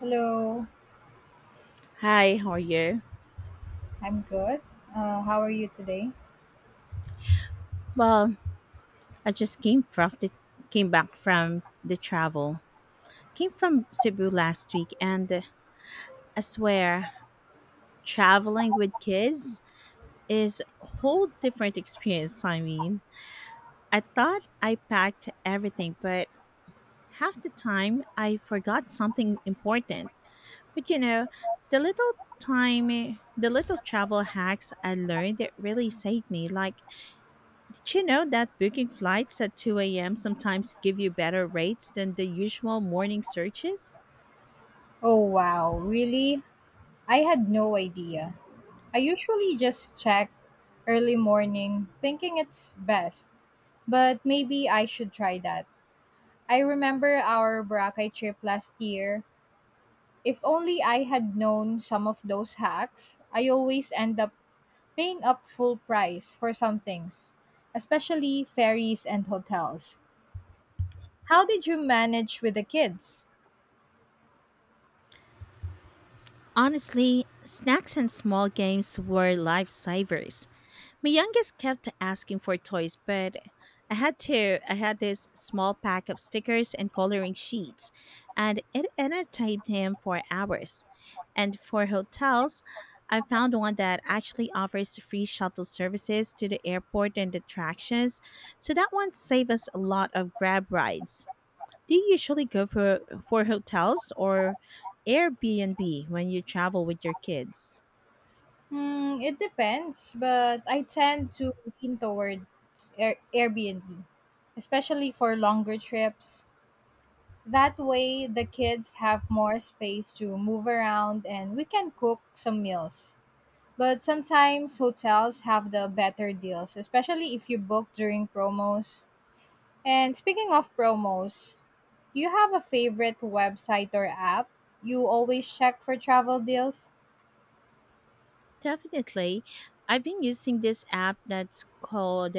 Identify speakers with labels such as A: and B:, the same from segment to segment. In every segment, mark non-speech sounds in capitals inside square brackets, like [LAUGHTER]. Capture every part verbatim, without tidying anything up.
A: Hello,
B: Hi, how are you?
A: I'm good. Uh, how are you today?
B: Well, I just came from the came back from the travel. Came from Cebu last week and uh, I swear traveling with kids is a whole different experience, I mean. I thought I packed everything, but half the time I forgot something important. But you know, the little time the little travel hacks I learned that really saved me like do you know that booking flights at two a m sometimes give you better rates than the usual morning searches?
A: Oh, wow, really? I had no idea. I usually just check early morning thinking it's best, but maybe I should try that. I remember our Boracay trip last year. If only I had known some of those hacks, I always end up paying up full price for some things, especially ferries and hotels. How did you manage with the kids?
B: Honestly, snacks and small games were lifesavers. My youngest kept asking for toys, but I had to. I had this small pack of stickers and coloring sheets, and it entertained him for hours. And for hotels, I found one that actually offers free shuttle services to the airport and attractions, so that one saved us a lot of grab rides. Do you usually go for for hotels or Airbnb when you travel with your kids?
A: Hmm, it depends, but I tend to lean towards Air- Airbnb, especially for longer trips. That way, the kids have more space to move around and we can cook some meals. But sometimes hotels have the better deals, especially if you book during promos. And speaking of promos, do you have a favorite website or app you always check for travel deals?
B: Definitely. I've been using this app that's called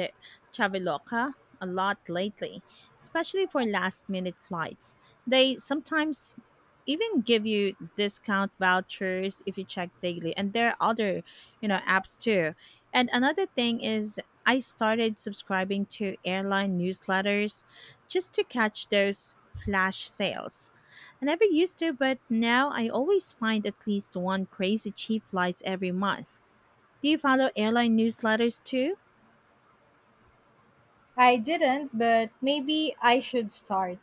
B: Traveloka a lot lately, especially for last minute flights. They sometimes even give you discount vouchers if you check daily and there are other, you know, apps too. And another thing is I started subscribing to airline newsletters just to catch those flash sales. I never used to, but now I always find at least one crazy cheap flights every month. Do you follow airline newsletters too?
A: I didn't, but maybe I should start.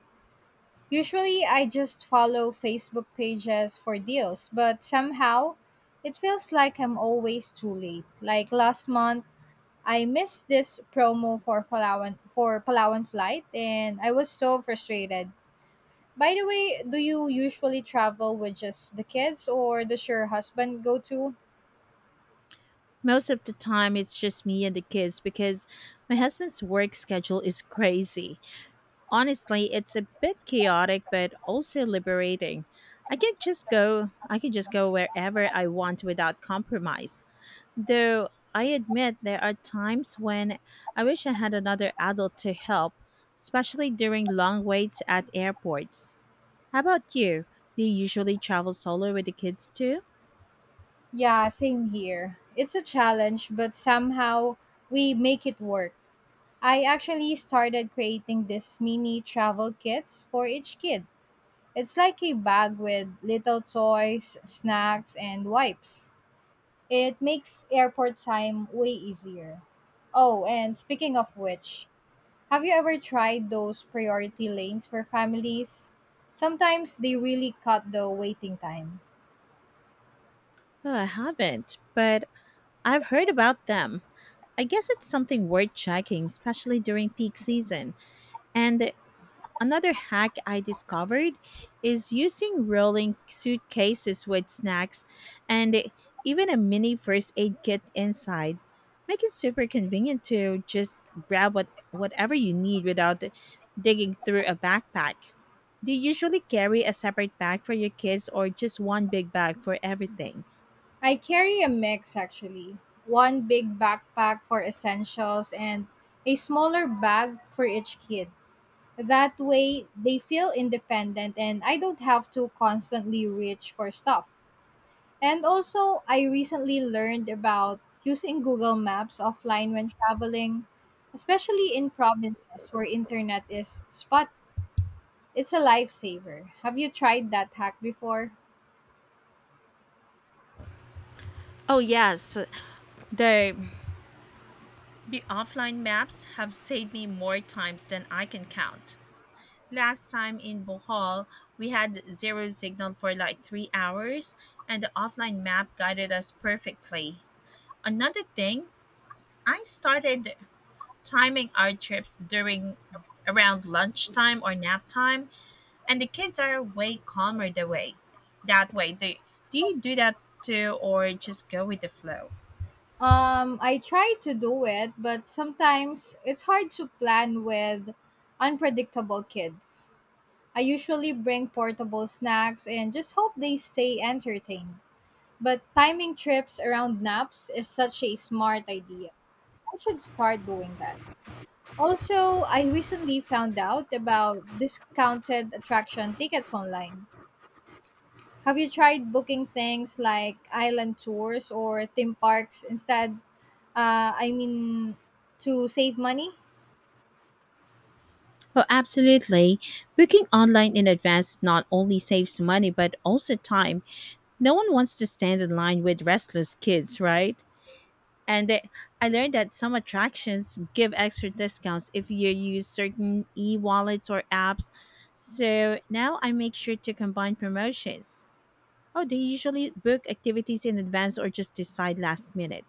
A: Usually, I just follow Facebook pages for deals, but somehow it feels like I'm always too late. Like last month, I missed this promo for Palawan for Palawan flight and I was so frustrated. By the way, do you usually travel with just the kids or does your husband go too?
B: Most of the time, it's just me and the kids because my husband's work schedule is crazy. Honestly, it's a bit chaotic, but also liberating. I can just go. I can just go wherever I want without compromise. Though I admit there are times when I wish I had another adult to help, especially during long waits at airports. How about you? Do you usually travel solo with the kids too?
A: Yeah, same here. It's a challenge, but somehow we make it work. I actually started creating this mini travel kits for each kid. It's like a bag with little toys, snacks, and wipes. It makes airport time way easier. Oh, and speaking of which, have you ever tried those priority lanes for families? Sometimes they really cut the waiting time.
B: Oh, I haven't, but I've heard about them. I guess it's something worth checking, especially during peak season. And another hack I discovered is using rolling suitcases with snacks and even a mini first aid kit inside. Make it super convenient to just grab what whatever you need without digging through a backpack. Do you usually carry a separate bag for your kids or just one big bag for everything?
A: I carry a mix actually, one big backpack for essentials and a smaller bag for each kid. That way, they feel independent and I don't have to constantly reach for stuff. And also, I recently learned about using Google Maps offline when traveling, especially in provinces where internet is spot. It's a lifesaver. Have you tried that hack before?
B: Oh, yes. They The offline maps have saved me more times than I can count. Last time in Bohol, we had zero signal for like three hours, and the offline map guided us perfectly. Another thing, I started timing our trips during around lunchtime or nap time, and the kids are way calmer the way. That way, do, do you do that too, or just go with the flow?
A: Um, I try to do it, but sometimes it's hard to plan with unpredictable kids. I usually bring portable snacks and just hope they stay entertained. But timing trips around naps is such a smart idea. I should start doing that. Also, I recently found out about discounted attraction tickets online. Have you tried booking things like island tours or theme parks instead? Uh, I mean, to save money?
B: Oh, absolutely. Booking online in advance not only saves money but also time. No one wants to stand in line with restless kids, right? And they, I learned that some attractions give extra discounts if you use certain e wallets or apps. So now I make sure to combine promotions. Oh, do you usually book activities in advance or just decide last minute?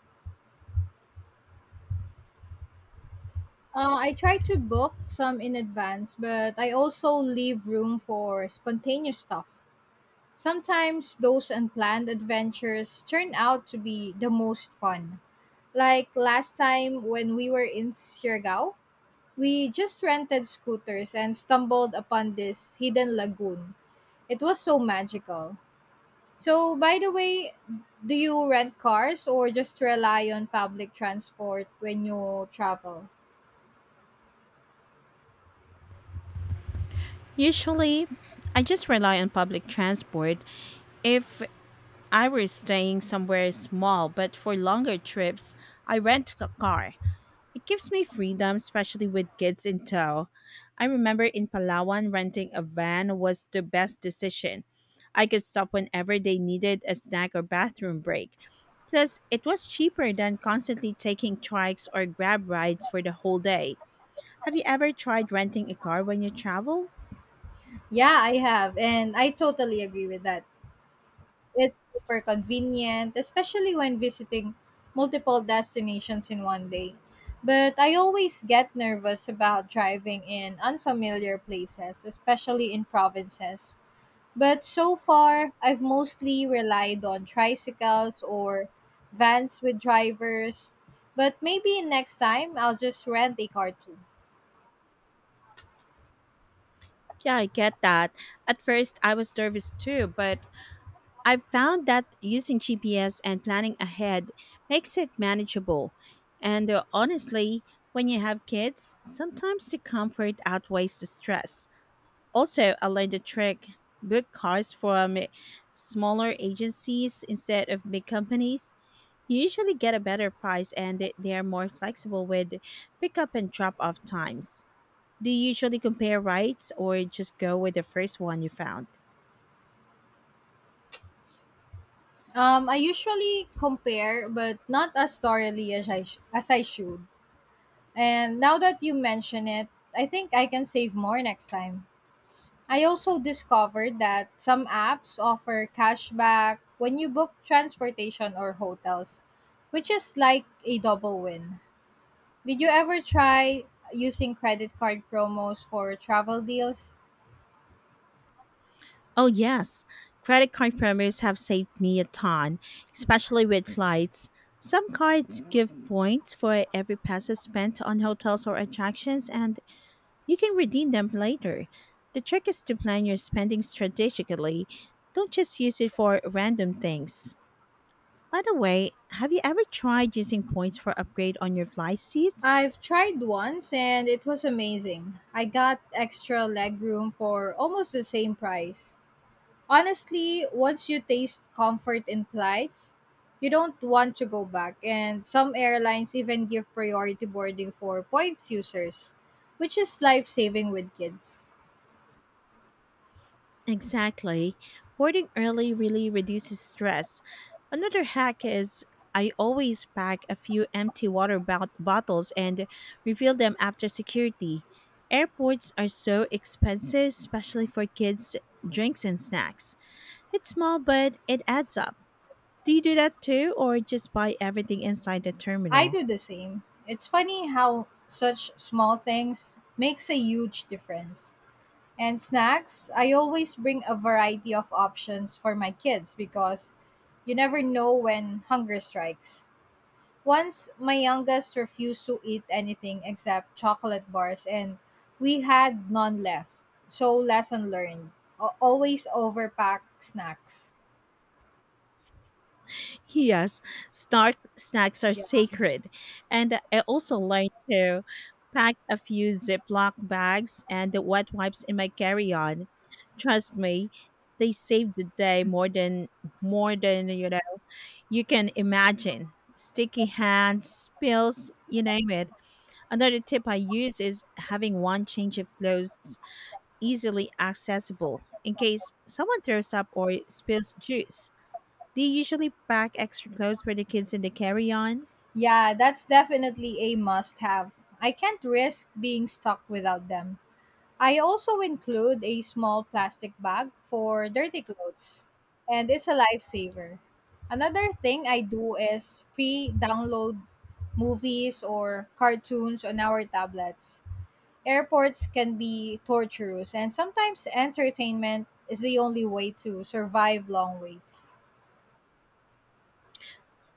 A: Uh, I try to book some in advance, but I also leave room for spontaneous stuff. Sometimes those unplanned adventures turn out to be the most fun. Like last time when we were in Siargao, we just rented scooters and stumbled upon this hidden lagoon. It was so magical. So, by the way, do you rent cars or just rely on public transport when you travel?
B: Usually, I just rely on public transport if I was staying somewhere small, but for longer trips, I rent a car. It gives me freedom, especially with kids in tow. I remember in Palawan, renting a van was the best decision. I could stop whenever they needed a snack or bathroom break. Plus, it was cheaper than constantly taking trikes or grab rides for the whole day. Have you ever tried renting a car when you travel?
A: Yeah, I have, and I totally agree with that. It's super convenient, especially when visiting multiple destinations in one day. But I always get nervous about driving in unfamiliar places, especially in provinces. But so far, I've mostly relied on tricycles or vans with drivers. But maybe next time I'll just rent a car too.
B: Yeah, I get that. At first, I was nervous too, but I've found that using G P S and planning ahead makes it manageable. And uh, honestly, when you have kids, sometimes the comfort outweighs the stress. Also, I learned the trick book cars from eh, smaller agencies instead of big companies. You usually get a better price and they they are more flexible with pickup and drop off times. Do you usually compare rides or just go with the first one you found?
A: Um, I usually compare, but not as thoroughly as I, sh- as I should. And now that you mention it, I think I can save more next time. I also discovered that some apps offer cashback when you book transportation or hotels, which is like a double win. Did you ever try using credit card promos for travel deals?
B: Oh, yes. Credit card promos have saved me a ton, especially with flights. Some cards give points for every peso spent on hotels or attractions, and you can redeem them later. The trick is to plan your spending strategically. Don't just use it for random things. By the way, have you ever tried using points for upgrade on your flight seats?
A: I've tried once and it was amazing. I got extra legroom for almost the same price. Honestly, once you taste comfort in flights, you don't want to go back, and some airlines even give priority boarding for points users, which is life saving with kids.
B: Exactly. Boarding early really reduces stress. Another hack is I always pack a few empty water bot- bottles and refill them after security. Airports are so expensive, especially for kids' drinks and snacks. It's small, but it adds up. Do you do that too, or just buy everything inside the
A: I
B: terminal?
A: do the same. It's funny how such small things makes a huge difference. And snacks, I always bring a variety of options for my kids because you never know when hunger strikes. Once my youngest refused to eat anything except chocolate bars and we had none left. So lesson learned. A- Always overpack snacks.
B: Yes, snark snacks are
A: Yeah.
B: sacred. And I also learned to pack a few Ziploc bags and the wet wipes in my carry-on. Trust me, they save the day more than more than you know you can imagine. Sticky hands, spills, you name it. Another tip I use is having one change of clothes easily accessible in case someone throws up or spills juice. Do you usually pack extra clothes for the kids in the carry on?
A: Yeah, that's definitely a must have. I can't risk being stuck without them. I also include a small plastic bag for dirty clothes, and it's a lifesaver. Another thing I do is pre download movies or cartoons on our tablets. Airports can be torturous, and sometimes entertainment is the only way to survive long waits.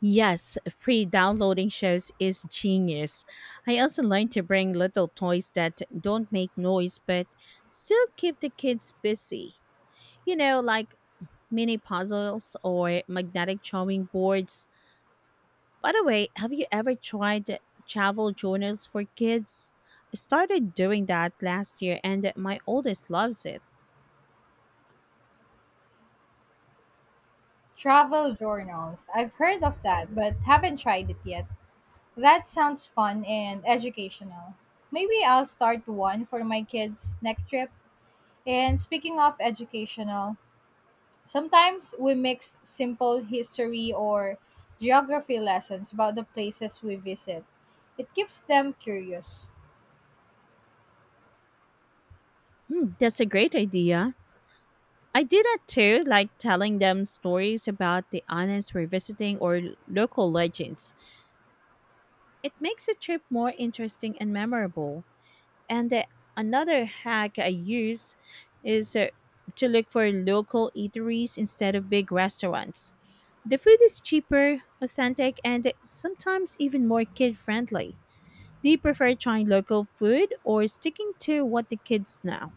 B: Yes, free downloading shows is genius. I also learned to bring little toys that don't make noise but still keep the kids busy. You know, like mini puzzles or magnetic drawing boards. By the way, have you ever tried travel journals for kids? I started doing that last year and my oldest loves it.
A: Travel journals. I've heard of that, but haven't tried it yet. That sounds fun and educational. Maybe I'll start one for my kids next trip. And speaking of educational, sometimes we mix simple history or geography lessons about the places we visit. It keeps them curious.
B: Hmm, that's a great idea. I do that too, like telling them stories about the islands we're visiting or l- local legends. It makes the trip more interesting and memorable. And the, Another hack I use is uh, to look for local eateries instead of big restaurants. The food is cheaper, authentic, and sometimes even more kid friendly. Do you prefer trying local food or sticking to what the kids know?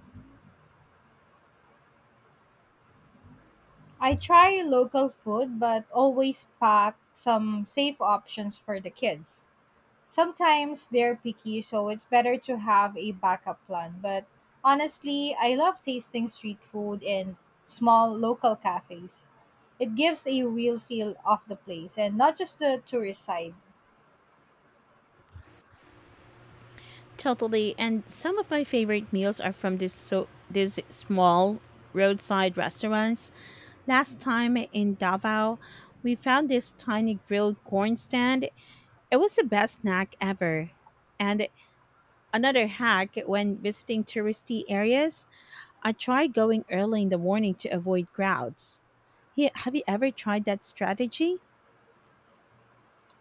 A: I try local food but always pack some safe options for the kids. Sometimes they're picky, so it's better to have a backup plan. But honestly, I love tasting street food in small local cafes. It gives a real feel of the place and not just the tourist side.
B: Totally. And some of my favorite meals are from this so these small roadside restaurants. Last time in Davao, we found this tiny grilled corn stand. It was the best snack ever. And another hack when visiting touristy areas, I try going early in the morning to avoid crowds. He- Have you ever tried that strategy?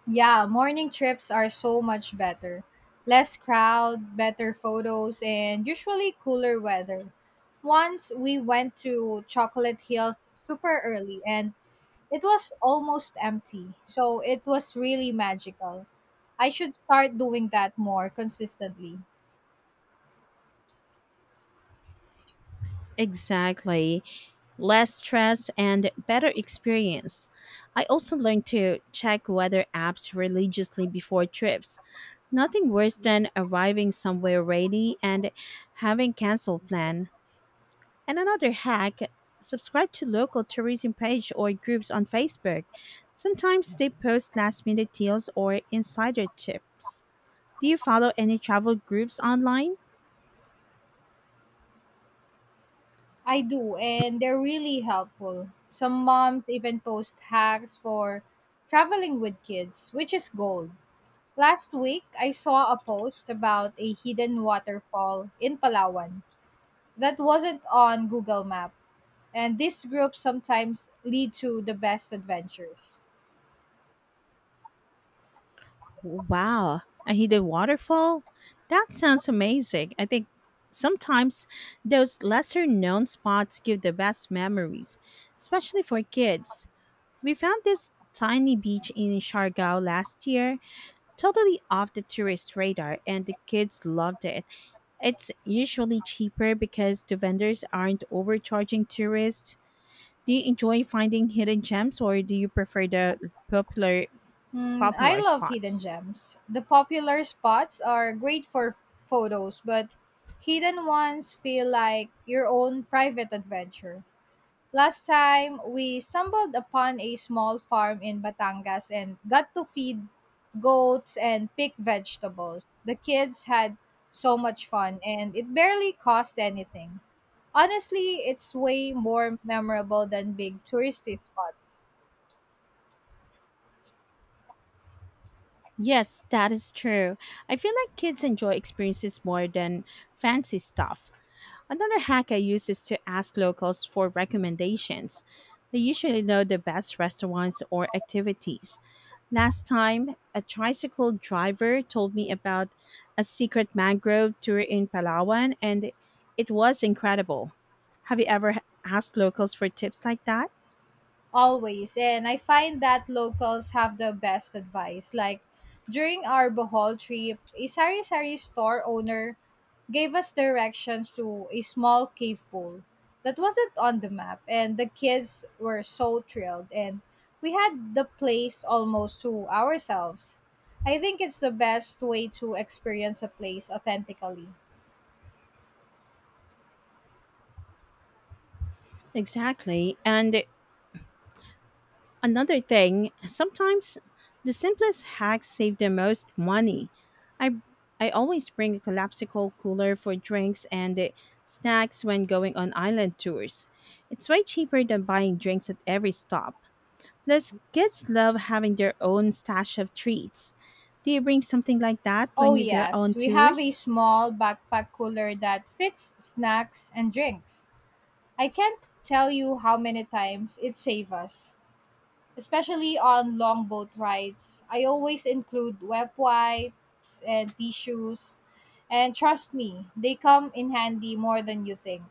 A: Yeah, morning trips are so much better. Less crowd, better photos, and usually cooler weather. Once we went to Chocolate Hills super early and it was almost empty, so it was really magical. I should start doing that more consistently.
B: Exactly. Less stress and better experience. I also learned to check weather apps religiously before trips. Nothing worse than arriving somewhere rainy and having canceled plan. And another hack, subscribe to local tourism page or groups on Facebook. Sometimes they post last minute deals or insider tips. Do you follow any travel groups online?
A: I do, and they're really helpful. Some moms even post hacks for traveling with kids, which is gold. Last week, I saw a post about a hidden waterfall in Palawan that wasn't on Google Map, and these groups sometimes lead to the best adventures.
B: Wow, a hidden waterfall? That sounds amazing. I think sometimes those lesser known spots give the best memories, especially for kids. We found this tiny beach in Siargao last year, totally off the tourist radar, and the kids loved it. It's usually cheaper because the vendors aren't overcharging tourists. Do you enjoy finding hidden gems or do you prefer the popular
A: Hmm, I
B: popular
A: love hidden
B: spots?
A: gems. The popular spots are great for photos, but hidden ones feel like your own private adventure. Last time, we stumbled upon a small farm in Batangas and got to feed goats and pick vegetables. The kids had so much fun and it barely cost anything. Honestly, it's way more memorable than big touristy spots.
B: Yes, that is true. I feel like kids enjoy experiences more than fancy stuff. Another hack I use is to ask locals for recommendations. They usually know the best restaurants or activities. Last time, a tricycle driver told me about a secret mangrove tour in Palawan, and it was incredible. Have you ever asked locals for tips like that?
A: Always. And I find that locals have the best advice. Like during our Bohol trip, a sari sari store owner gave us directions to a small cave pool that wasn't on the map. And the kids were so thrilled. And we had the place almost to ourselves. I think it's the best way to experience a place authentically.
B: Exactly. And another thing, sometimes the simplest hacks save the most money. I I always bring a collapsible cooler for drinks and uh, snacks when going on island tours. It's way cheaper than buying drinks at every stop. Plus, kids love having their own stash of treats. Do you bring something like that when
A: Oh,
B: you go
A: yes,
B: on
A: we have a
B: tours?
A: small backpack cooler that fits snacks and drinks. I can't tell you how many times it saved us, especially on long boat rides. I always include wet wipes and tissues, and trust me, they come in handy more than you think.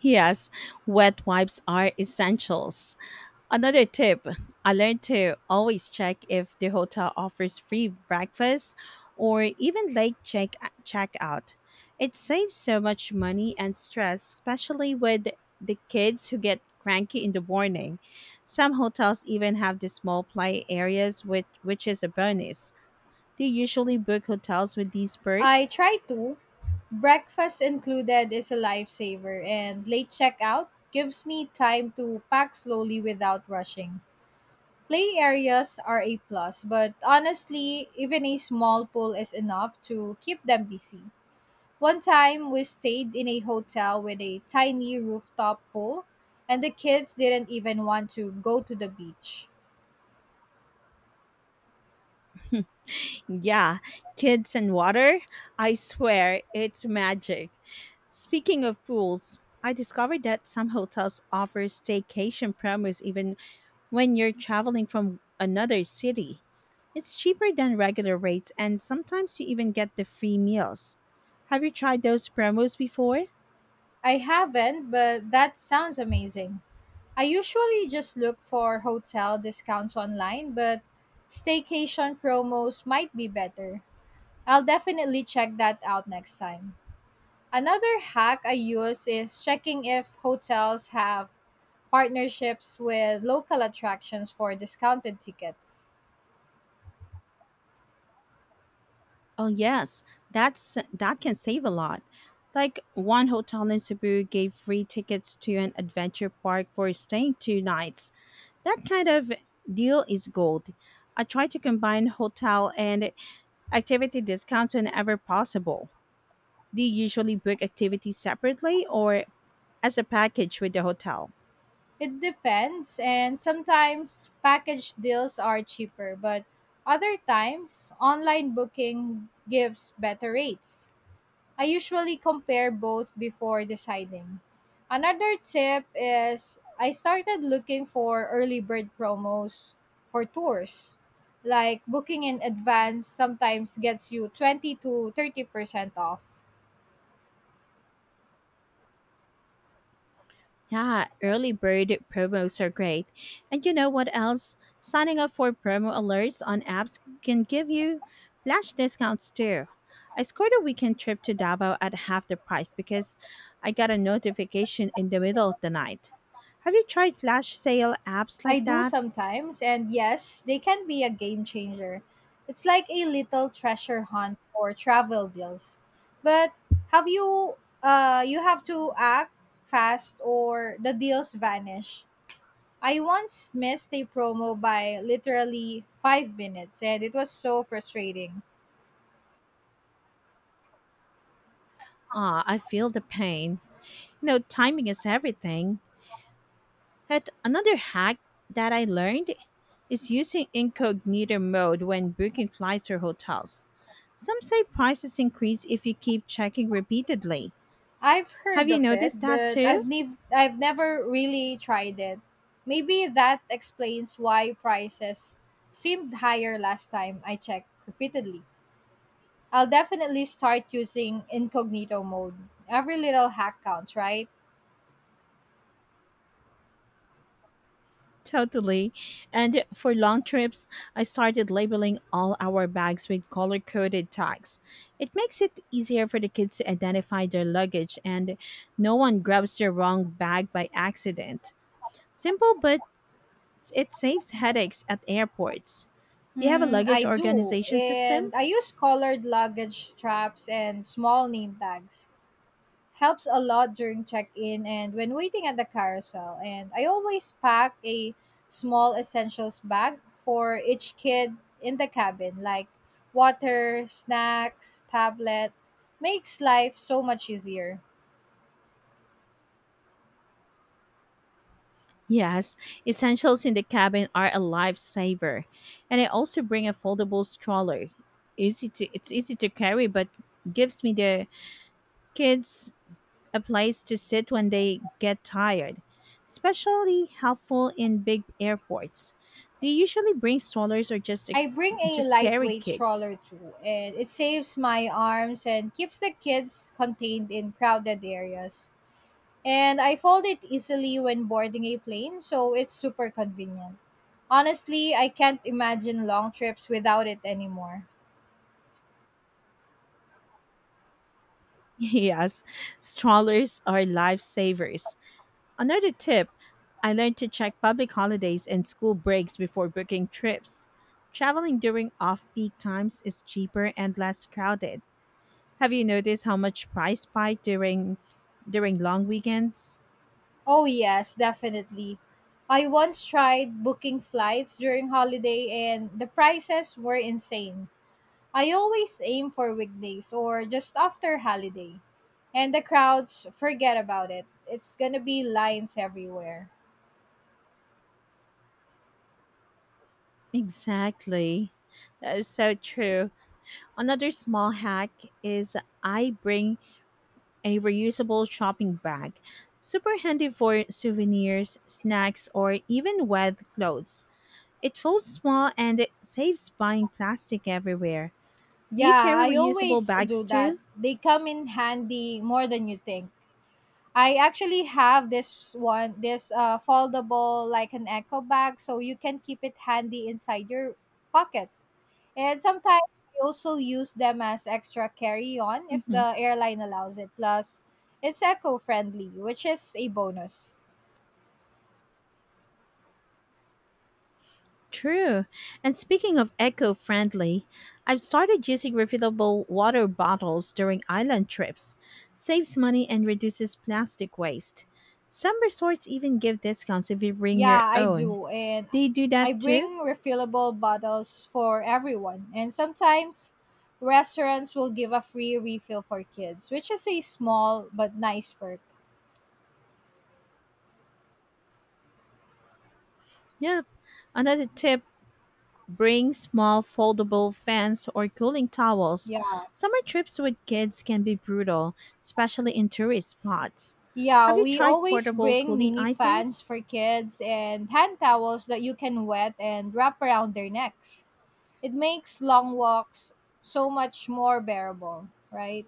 B: Yes, wet wipes are essentials. Another tip I learned to always check if the hotel offers free breakfast or even late check checkout. It saves so much money and stress, especially with the kids who get cranky in the morning. Some hotels even have the small play areas which which is a bonus. Do you usually book hotels with these
A: I
B: perks?
A: try to. Breakfast included is a lifesaver, and late checkout gives me time to pack slowly without rushing. Play areas are a plus, but honestly, even a small pool is enough to keep them busy. One time we stayed in a hotel with a tiny rooftop pool, and the kids didn't even want to go to the beach.
B: Yeah, kids and water. I swear it's magic. Speaking of pools, I discovered that some hotels offer staycation promos even when you're traveling from another city. It's cheaper than regular rates, and sometimes you even get the free meals. Have you tried those promos before?
A: I haven't, but that sounds amazing. I usually just look for hotel discounts online, but staycation promos might be better. I'll definitely check that out next time. Another hack I use is checking if hotels have partnerships with local attractions for discounted tickets.
B: Oh yes, that's that can save a lot. Like one hotel in Cebu gave free tickets to an adventure park for staying two nights. That kind of deal is gold. I try to combine hotel and activity discounts whenever possible. Do you usually book activities separately or as a package with the hotel?
A: It depends, and sometimes package deals are cheaper, but other times online booking gives better rates. I usually compare both before deciding. Another tip is I started looking for early bird promos for tours. Like booking in advance sometimes gets you twenty to thirty percent off.
B: Yeah, early bird promos are great. And you know what else? Signing up for promo alerts on apps can give you flash discounts too. I scored a weekend trip to Davao at half the price because I got a notification in the middle of the night. Have you tried flash sale apps
A: I
B: like
A: do
B: that?
A: sometimes, and yes, they can be a game changer. It's like a little treasure hunt for travel deals. But have you uh you have to act fast or the deals vanish. I once missed a promo by literally five minutes and it was so frustrating.
B: Ah, I feel the pain. You know, timing is everything. Heck, another hack that I learned is using incognito mode when booking flights or hotels. Some say prices increase if you keep checking repeatedly.
A: I've
B: Have
A: heard
B: you
A: of it,
B: noticed that
A: but
B: too?
A: I've nev- I've never really tried it. Maybe that explains why prices seemed higher last time I checked repeatedly. I'll definitely start using incognito mode. Every little hack counts, right?
B: Totally. And for long trips, I started labeling all our bags with color coded tags. It makes it easier for the kids to identify their luggage and no one grabs the wrong bag by accident. Simple, but it saves headaches at airports. Do you have a
A: Hmm, I
B: luggage
A: do.
B: organization system?
A: And I use colored luggage straps and small name tags. Helps a lot during check-in and when waiting at the carousel. And I always pack a small essentials bag for each kid in the cabin, like water, snacks, tablet. Makes life so much easier.
B: Yes, essentials in the cabin are a lifesaver. And I also bring a foldable stroller. Easy to it's easy to carry but gives me the kids a place to sit when they get tired, especially helpful in big airports. Do you usually bring strollers or just
A: I bring a
B: just carry
A: lightweight
B: kids?
A: stroller
B: [LAUGHS]
A: too, and it saves my arms and keeps the kids contained in crowded areas. And I fold it easily when boarding a plane, so it's super convenient. Honestly, I can't imagine long trips without it anymore.
B: Yes, strollers are lifesavers. Another tip I learned to check public holidays and school breaks before booking trips. Traveling during off peak times is cheaper and less crowded. Have you noticed how much price spike during during long weekends?
A: Oh, yes, definitely. I once tried booking flights during holiday and the prices were insane. I always aim for weekdays or just after holiday. And the crowds, forget about it. It's gonna be lines everywhere.
B: Exactly. That is so true. Another small hack is I bring a reusable shopping bag. Super handy for souvenirs, snacks, or even wet clothes. It folds small and it saves buying plastic everywhere. Do you
A: Yeah,
B: carry
A: I
B: reusable
A: always
B: bags
A: do that.
B: too?
A: They come in handy more than you think. I actually have this one, this uh, foldable like an echo bag, so you can keep it handy inside your pocket. And sometimes I also use them as extra carry-on if
B: hmm
A: the airline allows it. Plus, it's eco-friendly, which is a bonus.
B: True. And speaking of eco friendly, I've started using refillable water bottles during island trips. Saves money and reduces plastic waste. Some resorts even give discounts if you bring your
A: Yeah, I
B: own.
A: do, and
B: Do you do
A: I
B: that too?
A: bring refillable bottles for everyone. And sometimes restaurants will give a free refill for kids, which is a small but nice perk.
B: Yeah. Another tip. Bring small foldable fans or cooling towels.
A: Yeah.
B: Summer trips with kids can be brutal, especially in tourist spots.
A: Yeah,
B: Have you
A: we
B: tried
A: always
B: portable
A: bring
B: cooling
A: mini fans
B: items?
A: for kids and hand towels that you can wet and wrap around their necks. It makes long walks so much more bearable, right?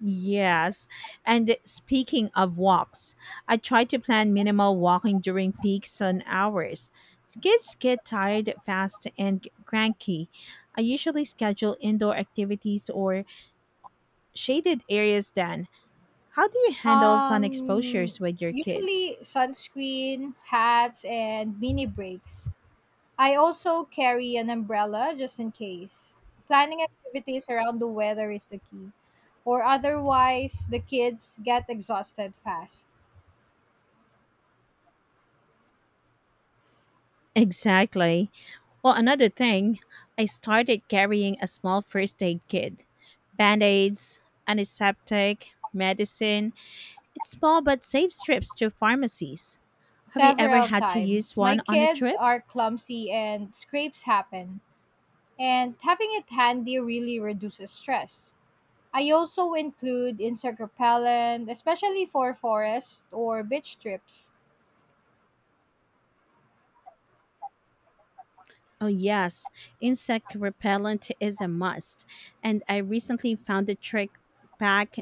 B: Yes. And speaking of walks, I try to plan minimal walking during peak sun hours. Kids get tired fast and cranky. I usually schedule indoor activities or shaded areas then. How do you handle sun
A: Um
B: exposures with your
A: usually
B: kids?
A: sunscreen, hats and mini breaks. I also carry an umbrella just in case. Planning activities around the weather is the key, or otherwise the kids get exhausted fast.
B: Exactly. Well, another thing, I started carrying a small first aid kit, band aids, antiseptic, medicine. It's small but saves trips to pharmacies. Have you ever
A: Several
B: had to use
A: times. My
B: one on a
A: kids
B: trip?
A: are clumsy and scrapes happen, and having it handy really reduces stress. I also include insect repellent, especially for forest or beach trips.
B: Oh, yes. Insect repellent is a must. And I recently found a trick, pack,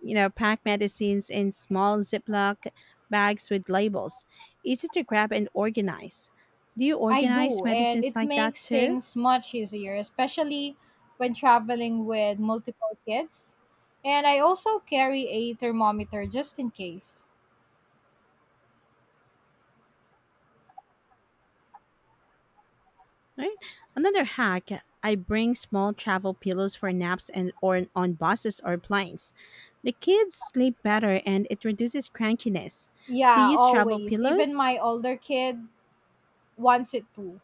B: you know, pack medicines in small Ziploc bags with labels, easy to grab and organize. Do you
A: I
B: organize
A: do, and
B: medicines
A: it
B: like that
A: makes
B: too?
A: things much easier, especially when traveling with multiple kids. And I also carry a thermometer just in case.
B: Right? Another hack, I bring small travel pillows for naps and or on buses or planes. The kids sleep better and it reduces crankiness. Do you
A: Yeah,
B: use travel
A: always. Even
B: pillows?
A: my older kid wants it too.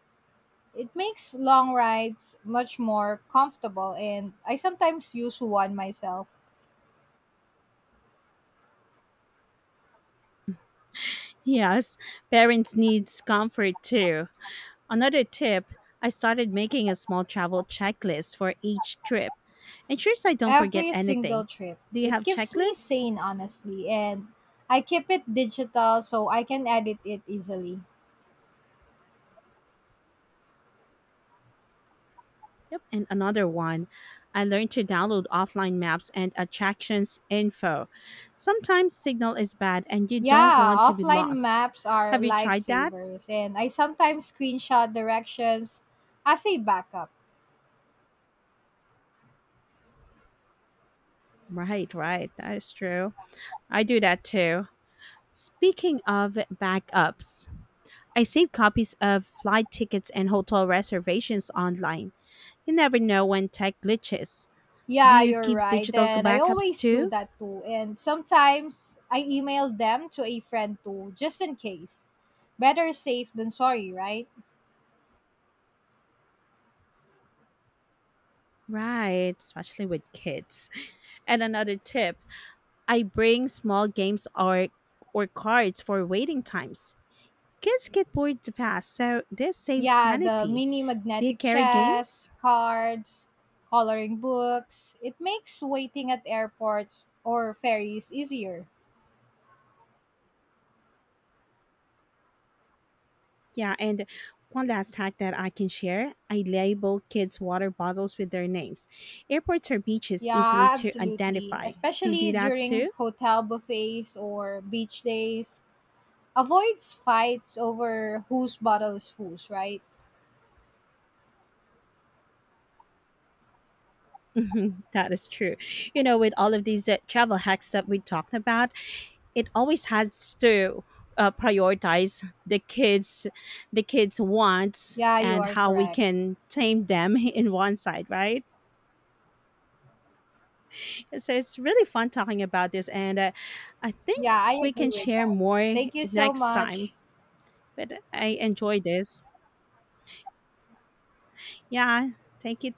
A: It makes long rides much more comfortable, and I sometimes use one myself
B: Yes, parents needs comfort too. Another tip, I started making a small travel checklist for each trip. Ensures I don't forget
A: every
B: anything.
A: single trip.
B: Do you
A: It
B: have
A: keeps me
B: checklists?
A: sane, honestly, and I keep it digital so I can edit it easily.
B: Yep, and another one. I learned to download offline maps and attractions info. Sometimes signal is bad and you don't
A: Yeah,
B: want to be
A: offline
B: lost.
A: maps are
B: Have you tried that?
A: lifesavers, and I sometimes screenshot directions as a backup.
B: Right, right. That is true. I do that too. Speaking of backups, I save copies of flight tickets and hotel reservations online. You never know when tech glitches. Do
A: Yeah,
B: you
A: you're
B: keep
A: right,
B: digital
A: and I
B: backups
A: always do
B: too?
A: that too, and sometimes I email them to a friend too, just in case. Better safe than sorry, right?
B: Right, especially with kids. [LAUGHS] And another tip, I bring small games or or cards for waiting times. Kids get bored fast, so this saves
A: Yeah, the
B: sanity.
A: mini
B: Do you
A: magnetic
B: carry games?
A: chess, cards, coloring books. It makes waiting at airports or ferries easier.
B: Yeah, and one last hack that I can share, I label kids' water bottles with their names. Airports or beaches easily
A: Yeah,
B: to
A: absolutely.
B: identify. Do you do
A: Especially
B: that
A: during
B: too? [LAUGHS]
A: hotel buffets or beach days. Avoids fights over whose bottle is whose, right?
B: Mhm, that is true. You know, with all of these uh, travel hacks that we talked about, it always has to uh, prioritize the kids the kids wants
A: Yeah, you
B: and
A: are
B: how we
A: correct.
B: can tame them [LAUGHS] in one side, right, so it's really fun talking about this and, uh, I think
A: Yeah, I
B: we can
A: agree with
B: share
A: that.
B: more
A: Thank you so
B: next time.
A: much.
B: But I enjoy this. Yeah, take it